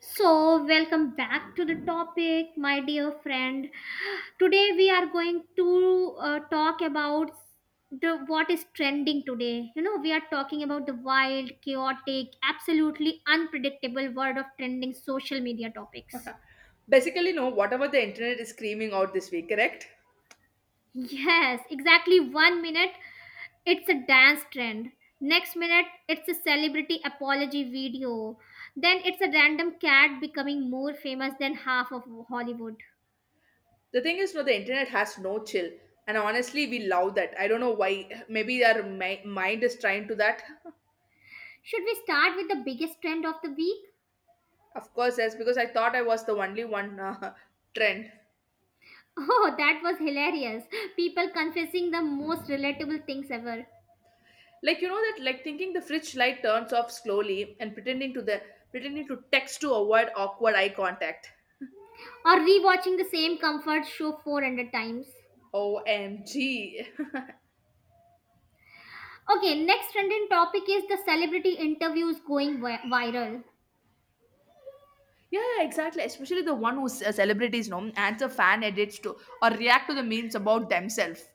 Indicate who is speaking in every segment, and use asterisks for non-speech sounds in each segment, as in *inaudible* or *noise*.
Speaker 1: So, welcome back to the topic, my dear friend. Today we are going to talk about the what is trending today. You know, we are talking about the wild, chaotic, absolutely unpredictable world of trending social media topics.
Speaker 2: *laughs* Basically, no, whatever the internet is screaming out this week, correct?
Speaker 1: Yes, exactly. One minute it's a dance trend. Next minute it's a celebrity apology video. Then it's a random cat becoming more famous than half of Hollywood.
Speaker 2: The thing is, no, the internet has no chill. And honestly, we love that. I don't know why. Maybe our mind is trying to that. *laughs*
Speaker 1: Should we start with the biggest trend of the week?
Speaker 2: Of course, that's because I thought I was the only one *laughs* trend.
Speaker 1: *laughs* Oh, that was hilarious. People confessing the most relatable things ever.
Speaker 2: Like you know that, like thinking the fridge light turns off slowly and pretending to text to avoid awkward eye contact.
Speaker 1: Or rewatching the same comfort show 400 times.
Speaker 2: Omg, *laughs*
Speaker 1: Okay, next trending topic is the celebrity interviews going viral.
Speaker 2: Yeah, yeah, exactly. Especially the one who celebrities, know adds a fan edits to or react to the memes about themselves.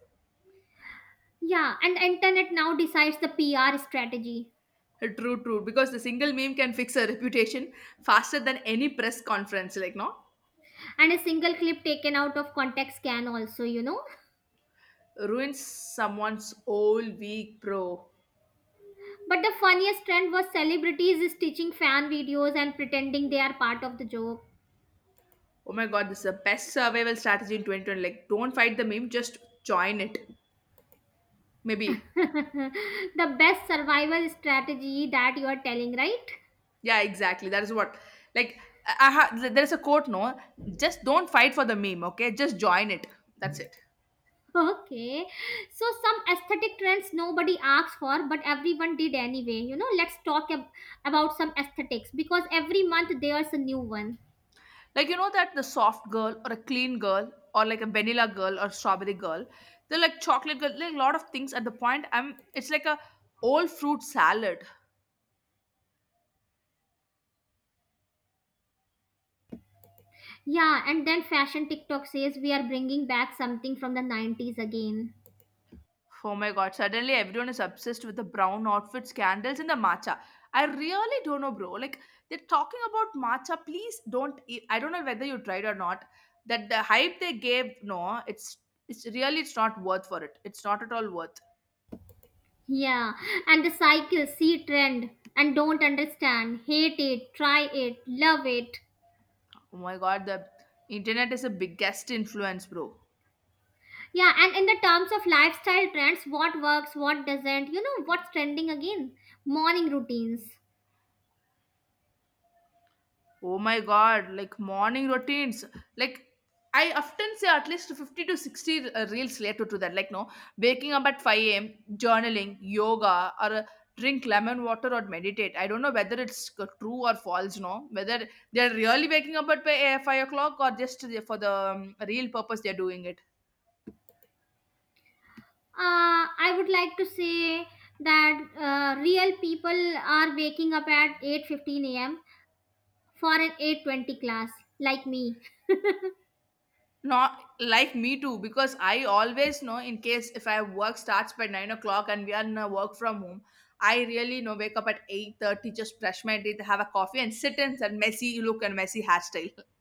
Speaker 1: Yeah, and internet now decides the PR strategy.
Speaker 2: True, true. Because the single meme can fix a reputation faster than any press conference. Like, no,
Speaker 1: And a single clip taken out of context can also.
Speaker 2: ruins someone's whole week, bro.
Speaker 1: But the funniest trend was celebrities stitching fan videos and pretending they are part of the joke.
Speaker 2: Oh my god, this is the best survival strategy in 2020. Like, don't fight the meme, just join it. Maybe.
Speaker 1: *laughs* The best survival strategy that you are telling, right? *laughs*
Speaker 2: Yeah, exactly. That is what. Like, there's a quote, no, just don't fight for the meme, okay? Just join it. That's it.
Speaker 1: Okay. So some aesthetic trends nobody asked for, but everyone did anyway. You know, let's talk about some aesthetics because every month there's a new one.
Speaker 2: Like you know that the soft girl or a clean girl or like a vanilla girl or strawberry girl, they're like chocolate girl, like a lot of things at the point. I'm it's like a old fruit salad.
Speaker 1: Yeah, and then fashion TikTok says we are bringing back something from the 90s again.
Speaker 2: Oh my god, suddenly everyone is obsessed with the brown outfits, candles, and the matcha. I really don't know, bro. Like they're talking about matcha. Please don't eat. I don't know whether you tried or not. That the hype they gave, no, it's really it's not worth for it. It's not at all worth.
Speaker 1: Yeah, and the cycle, see trend, and don't understand, hate it, try it, love it.
Speaker 2: Oh my god, the internet is a biggest influence, bro.
Speaker 1: Yeah, and in the terms of lifestyle trends, what works, what doesn't, you know, what's trending again? Morning routines.
Speaker 2: Oh my god, like morning routines. Like I often say at least 50 to 60 reels related to that. Like, no, waking up at 5 a.m., journaling, yoga, or drink lemon water or meditate. I don't know whether true or false, no, whether they're really waking up at 5 o'clock or just for the real purpose they're doing it.
Speaker 1: I would like to say that real people are waking up at 8:15 a.m. for an 8:20 class, like me.
Speaker 2: Not like me too, because I always know in case if I work starts by 9 o'clock and we are in a work from home, I really know wake up at 8:30, just brush my teeth, have a coffee, and sit in that messy look and messy hairstyle. *laughs*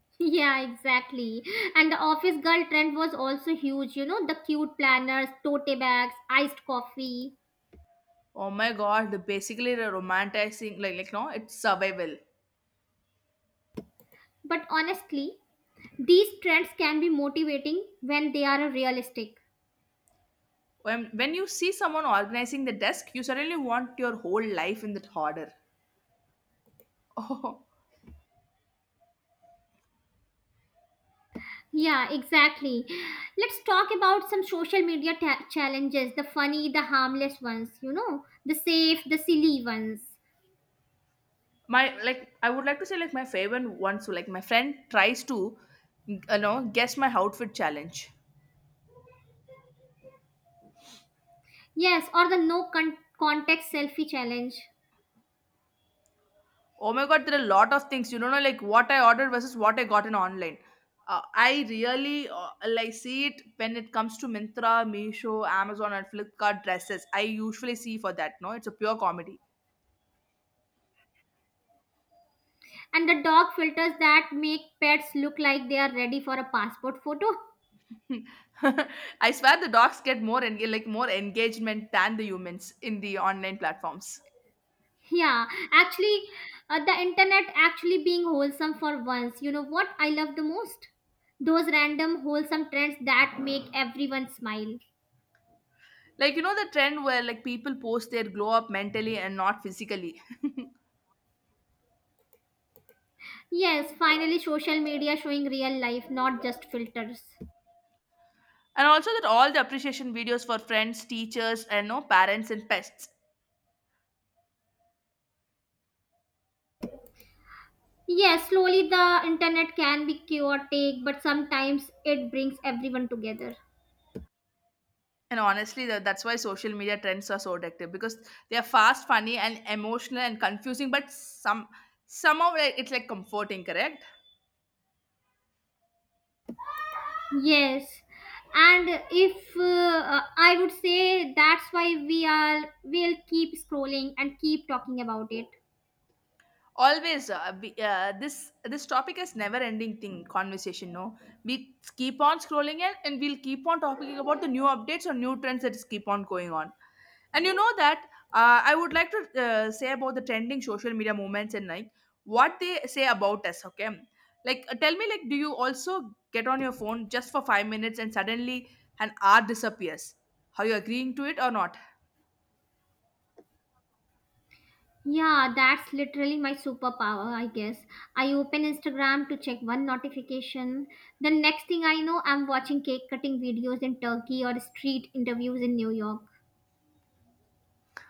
Speaker 1: *laughs* Yeah, exactly. And the office girl trend was also huge, you know, the cute planners, tote bags, iced coffee.
Speaker 2: Oh my god, the basically the romanticizing like no, it's survival.
Speaker 1: But honestly, these trends can be motivating when they are realistic.
Speaker 2: When you see someone organizing the desk, you suddenly want your whole life in that order. *laughs* Oh,
Speaker 1: Yeah, exactly. Let's talk about some social media challenges the funny, the harmless ones, you know, the safe, the silly ones.
Speaker 2: my like I would like to say like my favorite one so like my friend tries to you know guess my outfit challenge.
Speaker 1: Yes, or the no context selfie challenge.
Speaker 2: Oh my god, there are a lot of things. You don't know, like what I ordered versus what I got in online. I really like see it when it comes to Mintra, Meesho, Amazon, and Flipkart dresses. I usually see for that. No, it's a pure comedy.
Speaker 1: And the dog filters that make pets look like they are ready for a passport photo. *laughs*
Speaker 2: *laughs* I swear the dogs get like more engagement than the humans in the online platforms.
Speaker 1: Yeah, actually, the internet actually being wholesome for once. You know what I love the most? Those random wholesome trends that make everyone smile.
Speaker 2: Like you know the trend where like people post their glow up mentally and not physically. *laughs* And
Speaker 1: Yes, finally, social media showing real life, not just filters.
Speaker 2: also that all the appreciation videos for friends, teachers, and no parents and pets.
Speaker 1: Yes, slowly the internet can be chaotic, but sometimes it brings everyone together.
Speaker 2: And honestly, that's why social media trends are so addictive because they are fast, funny, and emotional and confusing. But somehow like, it's like comforting, correct?
Speaker 1: Yes, and if I would say that's why we'll keep scrolling and keep talking about it.
Speaker 2: Always be, this topic is never ending thing conversation, no, we keep on scrolling it and we'll keep on talking about the new updates or new trends that is keep on going on. And you know that, I would like to say about the trending social media movements and like what they say about us, okay. Like, tell me, like do you also get on your phone just for 5 minutes and suddenly an hour disappears? Are you agreeing to it or not?
Speaker 1: Yeah, that's literally my superpower, I guess. I open Instagram to check one notification. The next thing I know, I'm watching cake cutting videos in Turkey or street interviews in New York.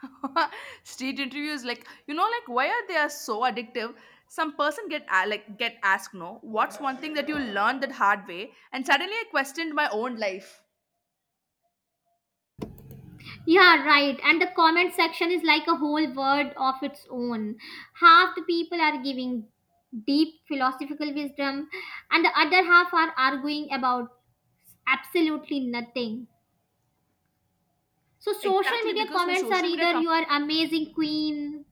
Speaker 2: *laughs* Street interviews, like you know, like why are they are so addictive? Some person like get asked, no, what's one thing that you learned that hard way, and suddenly I questioned my own life.
Speaker 1: Yeah, right. And the comment section is like a whole world of its own. Half the people are giving deep philosophical wisdom, and the other half are arguing about absolutely nothing. So, social
Speaker 2: Exactly,
Speaker 1: media
Speaker 2: because no
Speaker 1: comments are
Speaker 2: social media
Speaker 1: either
Speaker 2: come.
Speaker 1: you are amazing queen.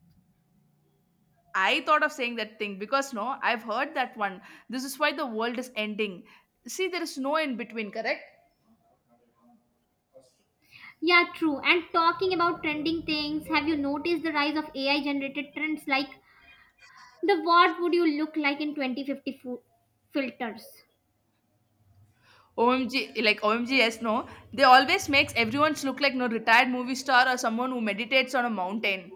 Speaker 2: I thought of saying that thing because no I've heard that one. This is why the world is ending. See there is no in between, correct?
Speaker 1: Yeah, true. And talking about trending things, have you noticed the rise of AI generated trends like the what would you look like in 2050 filters?
Speaker 2: OMG, like OMG, yes, no. They always makes everyone's look like no retired movie star or someone who meditates on a mountain.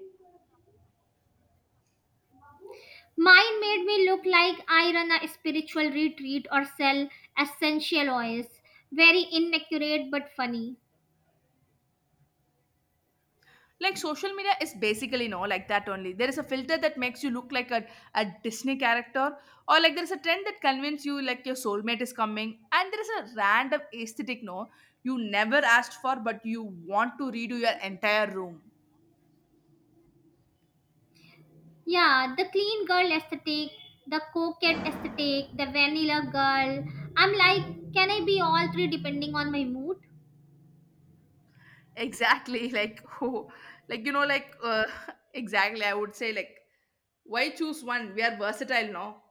Speaker 1: Mine made me look like I run a spiritual retreat or sell essential oils. Very inaccurate but funny.
Speaker 2: Like social media is basically no like that only. There is a filter that makes you look like a Disney character, or like there is a trend that convinces you like your soulmate is coming, and there is a random aesthetic, no, you never asked for, but you want to redo your entire room.
Speaker 1: Yeah, the clean girl aesthetic, the coquette aesthetic, the vanilla girl. I'm like, can I be all three depending on my mood?
Speaker 2: Exactly, like *laughs* oh, like you know, like *laughs* exactly. I would say like why choose one? We are versatile now.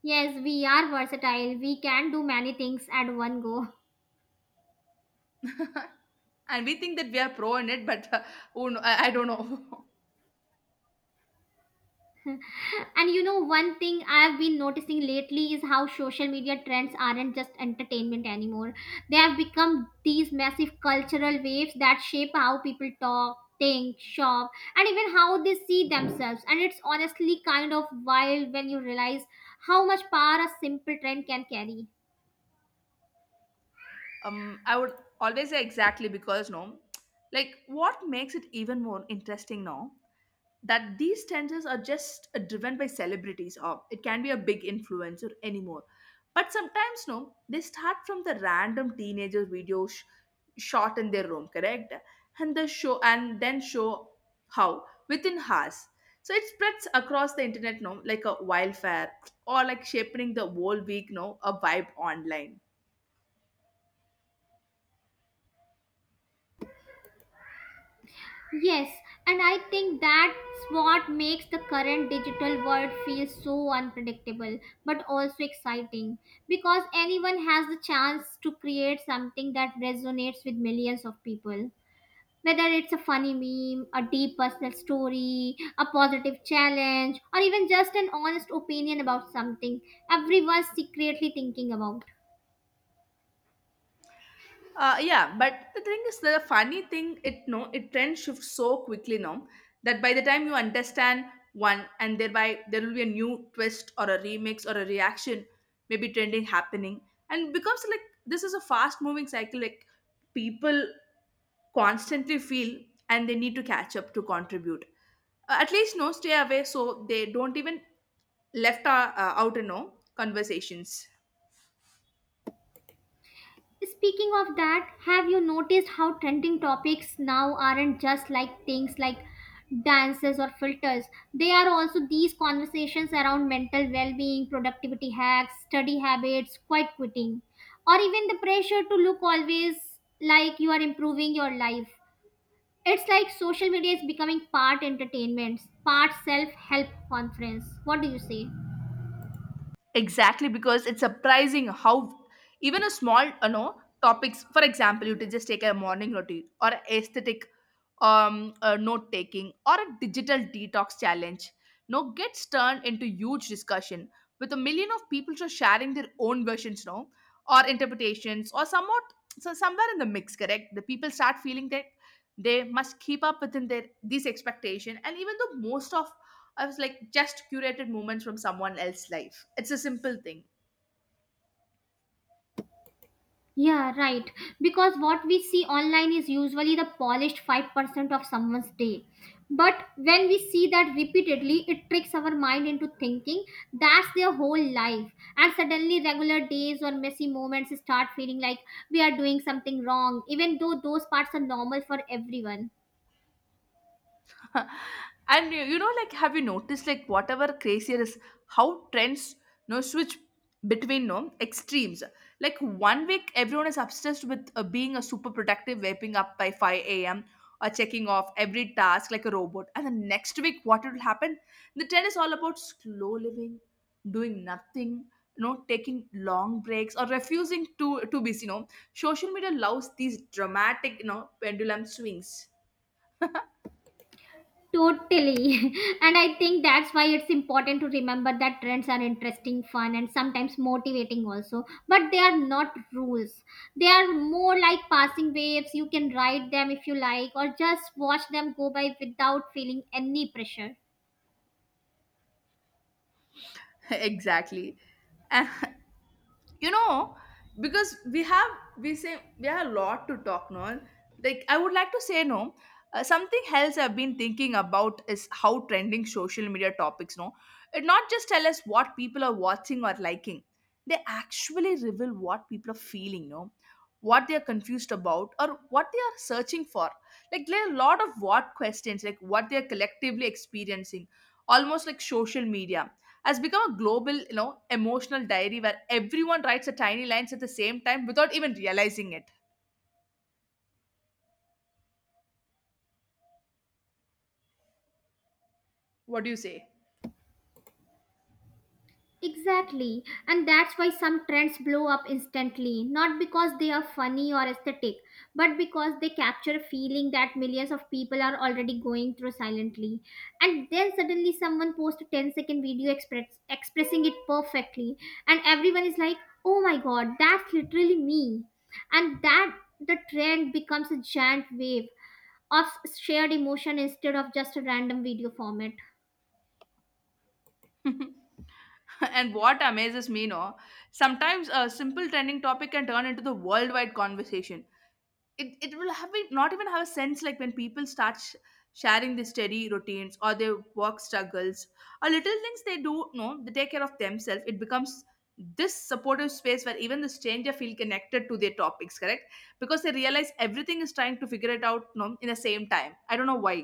Speaker 1: Yes, we are versatile. We can do many things at one go.
Speaker 2: *laughs* And we think that we are pro in it, but oh no, I don't know. *laughs*
Speaker 1: And you know, one thing I've been noticing lately is how social media trends aren't just entertainment anymore. They have become these massive cultural waves that shape how people talk, think, shop, and even how they see themselves. And it's honestly kind of wild when you realize how much power a simple trend can carry.
Speaker 2: I would always say exactly, because no, like what makes it even more interesting now, that these trends are just driven by celebrities or it can be a big influencer anymore, but sometimes no they start from the random teenager shot in their room, correct? And then show how within hours so it spreads across the internet, no, like a wildfire, or like shaping the whole week, no, a vibe online.
Speaker 1: Yes, and I think that's what makes the current digital world feel so unpredictable but also exciting, because anyone has the chance to create something that resonates with millions of people. Whether it's a funny meme, a deep personal story, a positive challenge, or even just an honest opinion about something everyone's secretly thinking about.
Speaker 2: Yeah, but the thing is, the funny thing, it no, it trend shifts so quickly now that by the time you understand one, and thereby there will be a new twist or a remix or a reaction, maybe trending happening, and becomes like this is a fast moving cycle. Like people constantly feel and they need to catch up to contribute. At least no stay away so they don't even left out in no conversations.
Speaker 1: Speaking of that, have you noticed how trending topics now aren't just like things like dances or filters? They are also these conversations around mental well being, productivity hacks, study habits, quiet quitting, or even the pressure to look always like you are improving your life. It's like social media is becoming part entertainment, part self help conference. What do you say?
Speaker 2: Exactly, because it's surprising how even a small you know topics, for example you to just take a morning routine or a aesthetic, note taking or a digital detox challenge, no, gets turned into huge discussion with a million of people just sharing their own versions, no, or interpretations or somewhat. So somewhere in the mix, correct, the people start feeling that they must keep up within their these expectation, and even though most of I was like, just curated moments from someone else's life. It's a simple thing.
Speaker 1: Yeah, right. Because what we see online is usually the polished 5% of someone's day. But when we see that repeatedly, it tricks our mind into thinking that's their whole life. And suddenly, regular days or messy moments start feeling like we are doing something wrong, even though those parts are normal for everyone.
Speaker 2: *laughs* And you know, like have you noticed like whatever crazier is how trends no switch between no extremes, like one week everyone is obsessed with being a super productive waking up by 5 a.m, or checking off every task like a robot, and the next week what will happen? The trend is all about slow living, doing nothing, you know, taking long breaks or refusing to busy, you know, social media loves these dramatic you know pendulum swings.
Speaker 1: Totally. *laughs* And I think that's why it's important to remember that trends are interesting, fun, and sometimes motivating also. But they are not rules. They are more like passing waves. You can ride them if you like, or just watch them go by without feeling any pressure.
Speaker 2: *laughs* Exactly. And *laughs* you know, because we have, we say we have a lot to talk, no, like I would like to say, no, something else I've been thinking about is how trending social media topics, no, it not just tell us what people are watching or liking, they actually reveal what people are feeling, no, what they are confused about or what they are searching for. Like there are a lot of what questions, like what they are collectively experiencing, almost like social media has become a global, you know, emotional diary where everyone writes a tiny lines at the same time without even realizing it. What do you say?
Speaker 1: Exactly, and that's why some trends blow up instantly, not because they are funny or aesthetic, but because they capture a feeling that millions of people are already going through silently. And then suddenly someone posts a ten-second video expressing it perfectly, and everyone is like, oh my god, that's literally me. And that the trend becomes a giant wave of shared emotion instead of just a random video format.
Speaker 2: *laughs* And what amazes me, no, sometimes a simple trending topic can turn into the worldwide conversation. It will have it not even have a sense, like when people start sharing their steady routines or their work struggles or little things they do, no, they take care of themselves, it becomes this supportive space where even the stranger feel connected to their topics, correct, because they realize everything is trying to figure it out, no, in the same time, I don't know why.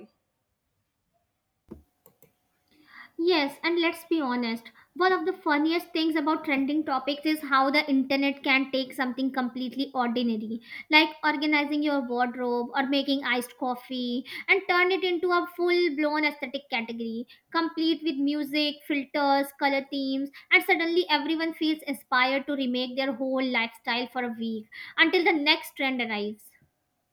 Speaker 1: Yes, and let's be honest, one of the funniest things about trending topics is how the internet can take something completely ordinary, like organizing your wardrobe or making iced coffee, and turn it into a full blown aesthetic category, complete with music, filters, color themes, and suddenly everyone feels inspired to remake their whole lifestyle for a week until the next trend arrives.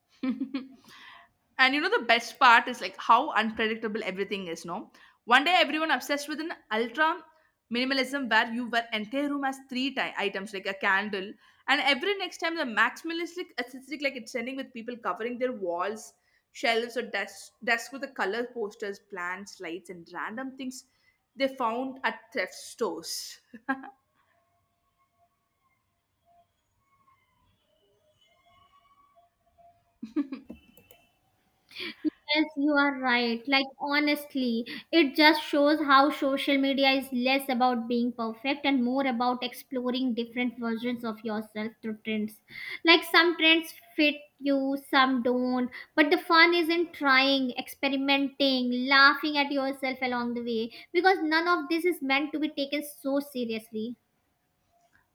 Speaker 2: *laughs* And you know the best part is like how unpredictable everything is, no, one day everyone obsessed with an ultra minimalism where you were entire room has items like a candle, and every next time the maximalistic aesthetic like it's ending with people covering their walls, shelves, or desks with the color posters, plants, lights, and random things they found at thrift stores.
Speaker 1: Yes, you are right. Like, honestly, it just shows how social media is less about being perfect and more about exploring different versions of yourself through trends. Like, some trends fit you, some don't. But the fun is in trying, experimenting, laughing at yourself along the way because none of this is meant to be taken so seriously.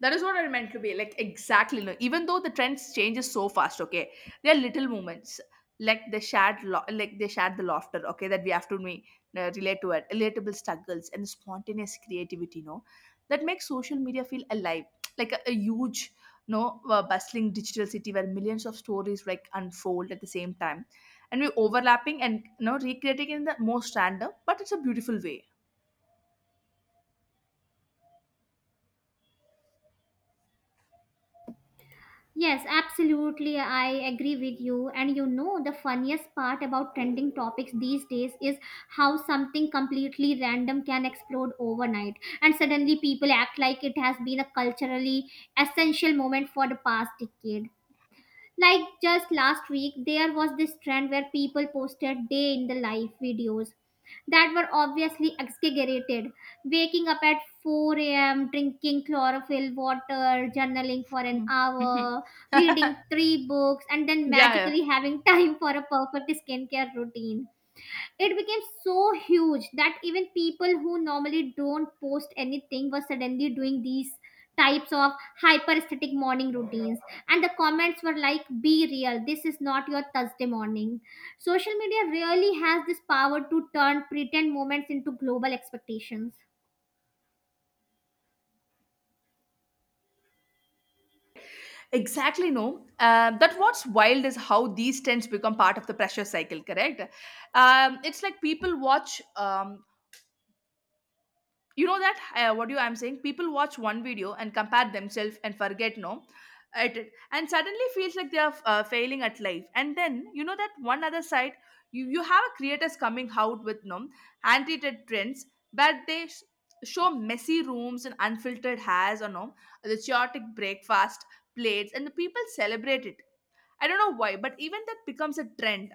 Speaker 2: That is what I meant to be like exactly. No, even though the trends changes so fast, okay, there are little moments like they shared, like they shared the laughter, okay, that we have to me relate to it, relatable struggles and spontaneous creativity, no, that makes social media feel alive, like a huge, no, bustling digital city where millions of stories like unfold at the same time, and we're overlapping and recreating in the most random, but it's a beautiful way.
Speaker 1: Yes, absolutely. I agree with you. And you know, the funniest part about trending topics these days is how something completely random can explode overnight. And suddenly people act like it has been a culturally essential moment for the past decade. Like just last week, there was this trend where people posted day in the life videos that were obviously exaggerated. Waking up at 4 a.m., drinking chlorophyll water, journaling for an
Speaker 2: Mhm. Mhm.
Speaker 1: hour,
Speaker 2: *laughs*
Speaker 1: reading
Speaker 2: Yeah,
Speaker 1: three books, and then
Speaker 2: yeah.
Speaker 1: magically having *laughs* time for a perfect skincare routine. It became so huge that even people who normally don't post anything were suddenly doing these types of hyperesthetic morning routines. And the comments were like, be real, this is not your Thursday morning. Social media really has this power to turn pretend moments into global expectations.
Speaker 2: Exactly, no. That what's wild is how these tents become part of the pressure cycle, correct? It's like people watch, you know that what do you, I'm saying? People watch one video and compare themselves and forget, no, at it, and suddenly feels like they are failing at life. And then you know that one other side, you have a creators coming out with no anti-tet trends, but show messy rooms and unfiltered hairs, or no, the chaotic breakfast plates, and the people celebrate it. I don't know why, but even that becomes a trend,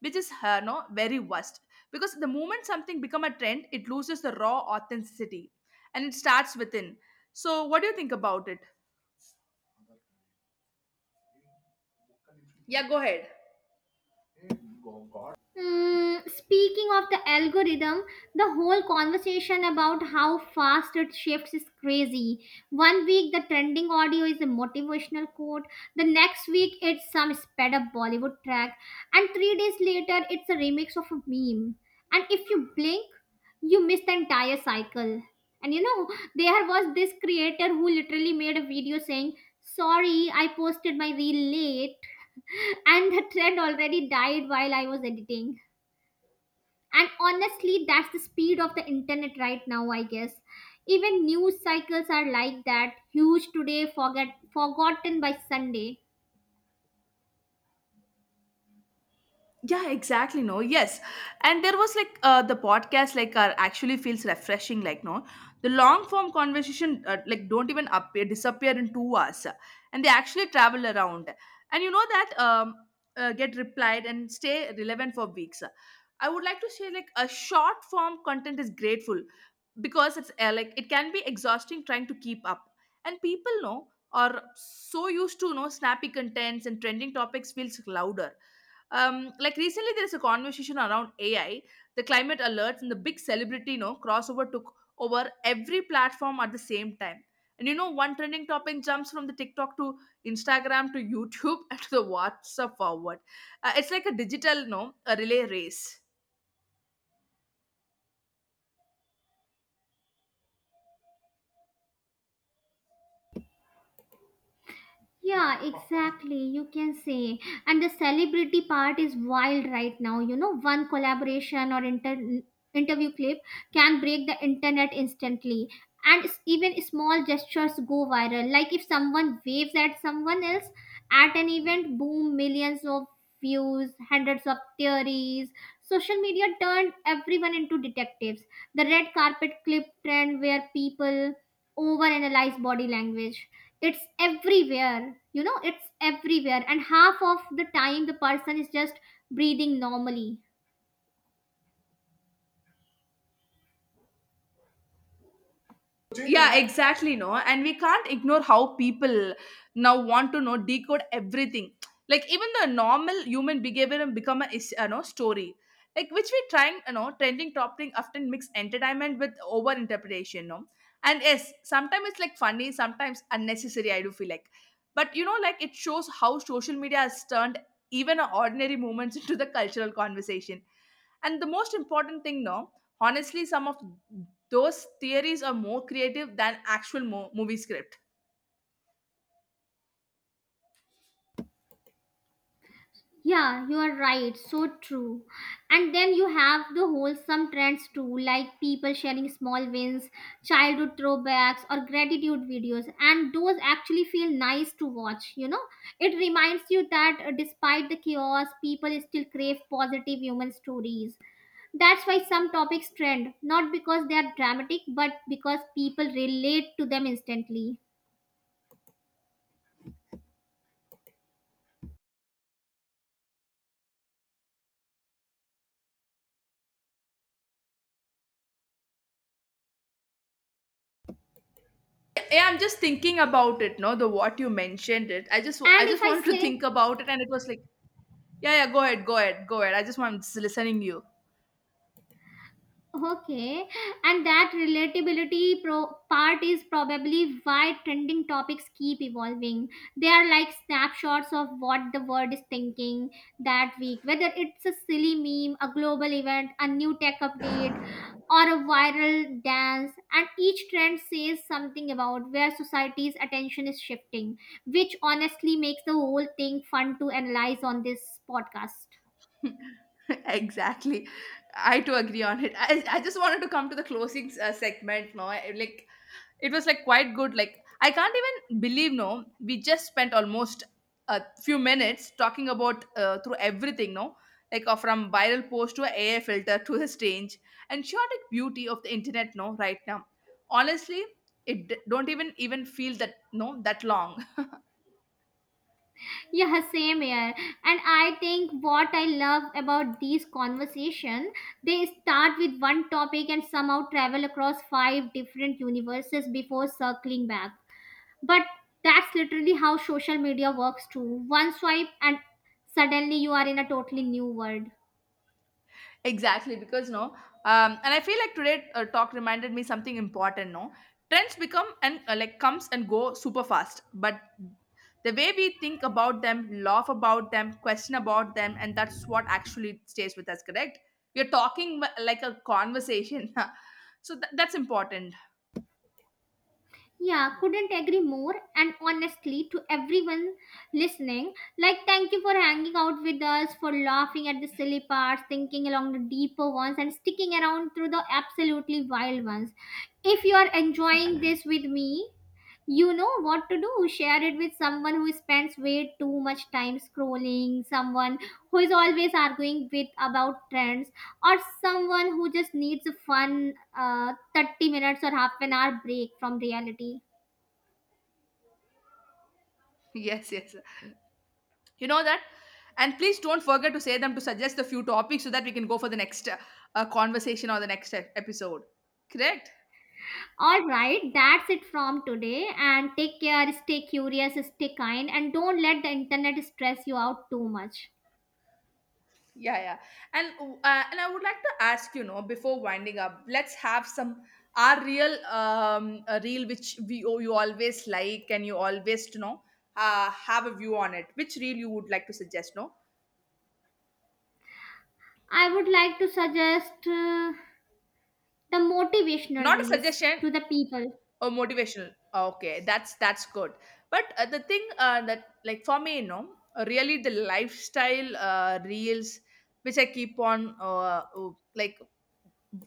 Speaker 2: which is no very worst. Because the moment something become a trend, it loses the raw authenticity, and it starts within. So, what do you think about it? Yeah, go ahead.
Speaker 1: Mm, speaking of the algorithm, the whole conversation about how fast it shifts is crazy. One week, the trending audio is a motivational quote, the next week, it's some sped up Bollywood track, and 3 days later, it's a remix of a meme. And if you blink, you miss the entire cycle. And you know, there was this creator who literally made a video saying, sorry, I posted my reel late, *laughs* and the trend already died while I was editing, and honestly that's the speed of the internet right now, I guess. Even news cycles are like that, huge today, forget forgotten by Sunday.
Speaker 2: Yeah, exactly, no, yes. And there was like the podcast like actually feels refreshing like no, the long form conversation like don't even appear disappear in 2 hours, and they actually travel around, and you know that get replied and stay relevant for weeks. I would like to say like a short form content is grateful because it's like it can be exhausting trying to keep up, and people know are so used to snappy contents and trending topics feels louder. Like recently there's a conversation around AI, the climate alerts and the big celebrity, you know, crossover took over every platform at the same time. And you know one trending topic jumps from the TikTok to Instagram to YouTube *laughs* and to the WhatsApp forward. It's like a digital no, a relay race.
Speaker 1: Yeah, exactly. You can say. And the celebrity part is wild right now. You know, one collaboration or interview clip can break the internet instantly. And even small gestures go viral. Like if someone waves at someone else at an event, boom, millions of views, hundreds of theories. Social media turned everyone into detectives. The red carpet clip trend where people overanalyze body language. It's everywhere, you know, it's everywhere. And half of the time, the person is just breathing normally.
Speaker 2: Yeah, exactly, no. And we can't ignore how people now want to know decode everything, like even the normal human behavior and become a you know story, like which we trying you know trending topping often mix entertainment with over interpretation, no. And yes, sometimes it's like funny, sometimes unnecessary, I do feel like. But you know like it shows how social media has turned even a ordinary moments *laughs* into the cultural conversation. And the most important thing no, honestly some of those theories are more creative than actual movie script.
Speaker 1: Yeah, you are right. So true. And then you have the wholesome trends too, like people sharing small wins, childhood throwbacks, or gratitude videos. And those actually feel nice to watch, you know. It reminds you that despite the chaos, people still crave positive human stories. That's why some topics trend, not because they are dramatic, but because people relate to them instantly.
Speaker 2: Yeah, I'm just thinking about it no, the what you mentioned it, I
Speaker 1: And if
Speaker 2: just
Speaker 1: I
Speaker 2: wanted to
Speaker 1: say.
Speaker 2: think about it and it was like, yeah, yeah, go ahead. I'm just listening you.
Speaker 1: Okay, and that relatability part is probably why trending topics keep evolving. They are like snapshots of what the world is thinking that week, whether it's a silly meme, a global event, a new tech update, or a viral dance. And each trend says something about where society's attention is shifting, which honestly makes the whole thing fun to analyze on this podcast.
Speaker 2: *laughs* Exactly, I too agree on it. I just wanted to come to the closing segment no, I, like it was like quite good, like I can't even believe no, we just spent almost a few minutes talking about through everything no, like from viral post to AI filter to the strange and chaotic beauty of the internet no right now. Honestly it don't even feel that no that long.
Speaker 1: Yeah, same here. And I think what I love about these conversation, they start with one topic and somehow travel across five different universes before circling back. But that's literally how social media works too. One swipe and suddenly you are in a totally new world.
Speaker 2: Exactly, because no, and I feel like today talk reminded me something important. No, trends become and like comes and go super fast, but the way we think about them, laugh about them, question about them, and that's what actually stays with us. Correct? We're talking like a conversation, *laughs* so that's important. *laughs*
Speaker 1: Yeah, couldn't agree more. And honestly, to everyone listening, like, thank you for hanging out with us, for laughing at the silly parts, thinking along the deeper ones, and sticking around through the absolutely wild ones. If you are enjoying this with me, you know what to do. Share it with someone who spends way too much time scrolling, someone who is always arguing with about trends, or someone who just needs a fun 30 minutes or half an hour break from reality.
Speaker 2: Yes, yes, you know that. And please don't forget to say them to suggest a few topics so that we can go for the next conversation or the next episode. Correct?
Speaker 1: All right, that's it from today. And take care, stay curious, stay kind, and don't let the internet stress you out too much.
Speaker 2: Yeah, yeah. And and I would like to ask you know before winding up, let's have some our real a reel which we oh, you always like and you always you know have a view on it. Which reel you would like to suggest? No,
Speaker 1: I would like to suggest the motivational
Speaker 2: not a
Speaker 1: reels
Speaker 2: suggestion.
Speaker 1: to the people.
Speaker 2: Oh, motivational. Ah, okay, that's good. But the thing that, like for me, you know, really the lifestyle reels which I keep on like w-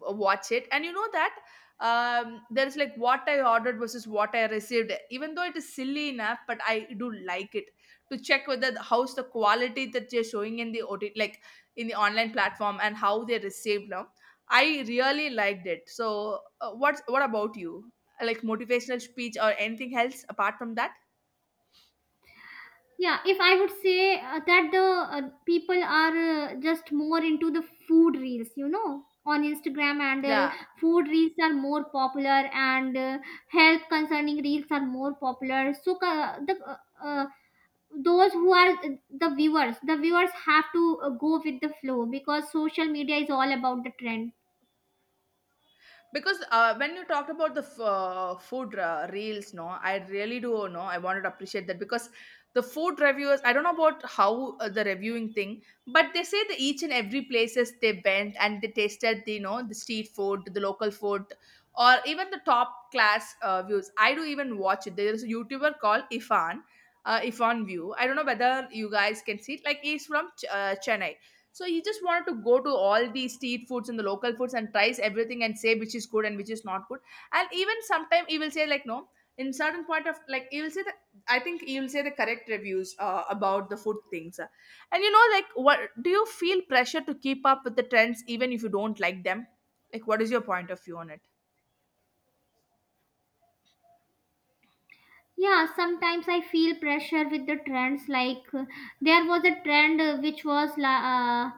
Speaker 2: uh, watch it, and you know that there is like what I ordered versus what I received. Even though it is silly enough, but I do like it to check whether the, how's the quality that they're showing in the OT, like in the online platform, and how they received now. I really liked it. So, what's what about you? Like motivational speech or anything else apart from that?
Speaker 1: Yeah, if I would say that the people are just more into the food reels, you know, on Instagram handle,
Speaker 2: Yeah,
Speaker 1: food reels are more popular and health concerning reels are more popular. So the uh, those who are the viewers, have to go with the flow because social media is all about the trend.
Speaker 2: because when you talked about the food reels no, I really do know, I wanted to appreciate that. Because the food reviewers, I don't know about how the reviewing thing, but they say that each and every places they went and they tasted the you know the street food, the local food, or even the top class views. I do even watch it. There is a YouTuber called Ifan, Ifan view, I don't know whether you guys can see it. Like he's from Chennai. So he just wanted to go to all the street foods and the local foods and tries everything and say which is good and which is not good. And even sometime he will say like no. In certain point of like he will say that, I think he will say the correct reviews about the food things. And you know like what do you feel pressure to keep up with the trends even if you don't like them? Like what is your point of view on it?
Speaker 1: Yeah, sometimes I feel pressure with the trends like there was a trend which was uh,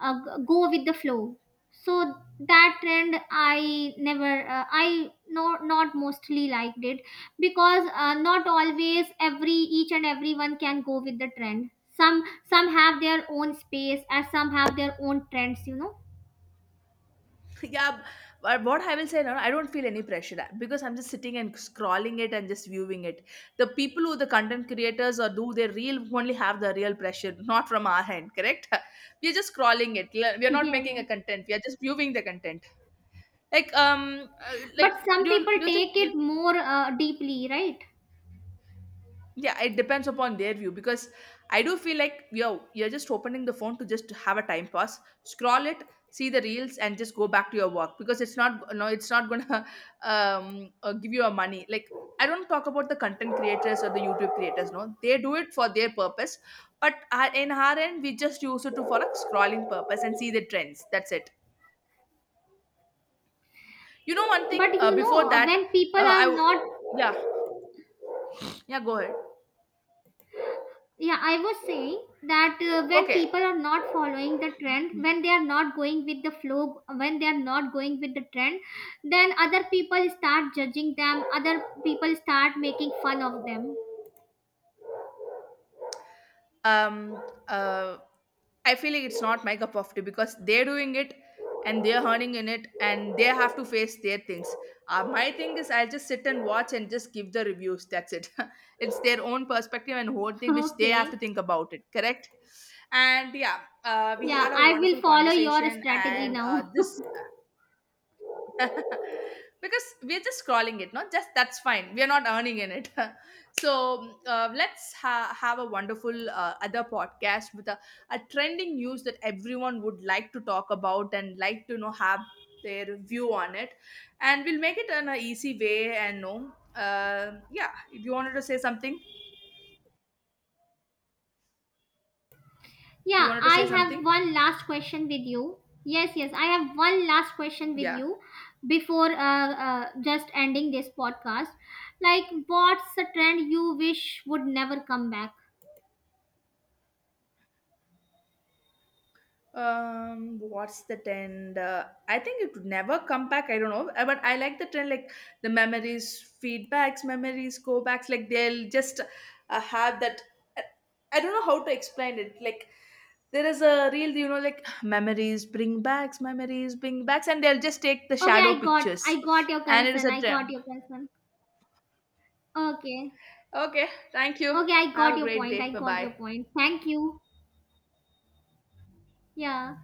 Speaker 1: go with the flow. So that trend I never, I no, not mostly liked it, because not always every each and everyone can go with the trend. Some some have their own space as some have their own trends, you know.
Speaker 2: *laughs* Yeah, but what I will say now, I don't feel any pressure because I'm just sitting and scrolling it and just viewing it. The people who the content creators or do their real only have the real pressure, not from our hand, correct? *laughs* We're just scrolling it.
Speaker 1: *laughs*
Speaker 2: We're not
Speaker 1: Yeah,
Speaker 2: making
Speaker 1: yeah.
Speaker 2: a content, we are just viewing the content. Like
Speaker 1: But
Speaker 2: like
Speaker 1: some people
Speaker 2: do you think,
Speaker 1: take it more deeply, right?
Speaker 2: yeah, it depends upon their view. Because I do feel like yo, you're just opening the phone to just have a time pass scroll it, see the reels and just go back to your work. Because it's not, no, it's not gonna *laughs* give you a money, like I don't talk about the content creators or the YouTube creators, no, they do it for their purpose. But in our end we just use it to for a scrolling purpose and see the trends, that's it. You know one thing
Speaker 1: But you know,
Speaker 2: before that,
Speaker 1: when people
Speaker 2: uh, i
Speaker 1: are
Speaker 2: w-
Speaker 1: not.
Speaker 2: yeah, yeah, go ahead.
Speaker 1: Yeah, I was saying that when
Speaker 2: Okay.
Speaker 1: people are not following the trend, when they are not going with the flow, when they are not going with the trend, then other people start judging them, other people start making fun of them. *laughs*
Speaker 2: um uh I feel like it's not my cup of tea because they're doing it and they're earning in it and they have to face their things. My thing is I'll just sit and watch and just give the reviews, that's it. *laughs* It's their own perspective and whole thing which they have
Speaker 1: Okay.
Speaker 2: to think about it, correct? And yeah, we
Speaker 1: Yeah,
Speaker 2: had a
Speaker 1: I will
Speaker 2: wonderful
Speaker 1: follow your
Speaker 2: conversation
Speaker 1: strategy
Speaker 2: and
Speaker 1: now. *laughs*
Speaker 2: this *laughs* because we're just scrolling it, not just that's fine, we're not earning in it. *laughs* So, let's have a wonderful other podcast with a trending news that everyone would like to talk about and like to you know have their view on it. And we'll make it in an easy way and no, yeah, if you wanted to say something, you
Speaker 1: Yeah,
Speaker 2: wanted to
Speaker 1: I
Speaker 2: say
Speaker 1: have
Speaker 2: something.
Speaker 1: one last question with you. Yes, yes, I have one last question with
Speaker 2: Yeah.
Speaker 1: you before just ending this podcast. Like, what's a trend you wish would never come back?
Speaker 2: What's the trend I think it would never come back, I don't know. But I like the trend like the memories feedbacks memories go backs, like they'll just have that. I, I don't know how to explain it, like there is a real you know like *sighs* memories bring backs and they'll just take the
Speaker 1: Okay,
Speaker 2: shadow pictures
Speaker 1: I got your
Speaker 2: and it is
Speaker 1: concern.
Speaker 2: a
Speaker 1: I got
Speaker 2: trend.
Speaker 1: your concern. Okay.
Speaker 2: Okay, thank you.
Speaker 1: Okay, I
Speaker 2: Have
Speaker 1: got
Speaker 2: a
Speaker 1: your
Speaker 2: great
Speaker 1: point.
Speaker 2: day,
Speaker 1: I
Speaker 2: bye
Speaker 1: got your
Speaker 2: bye.
Speaker 1: point. Thank you. Yeah.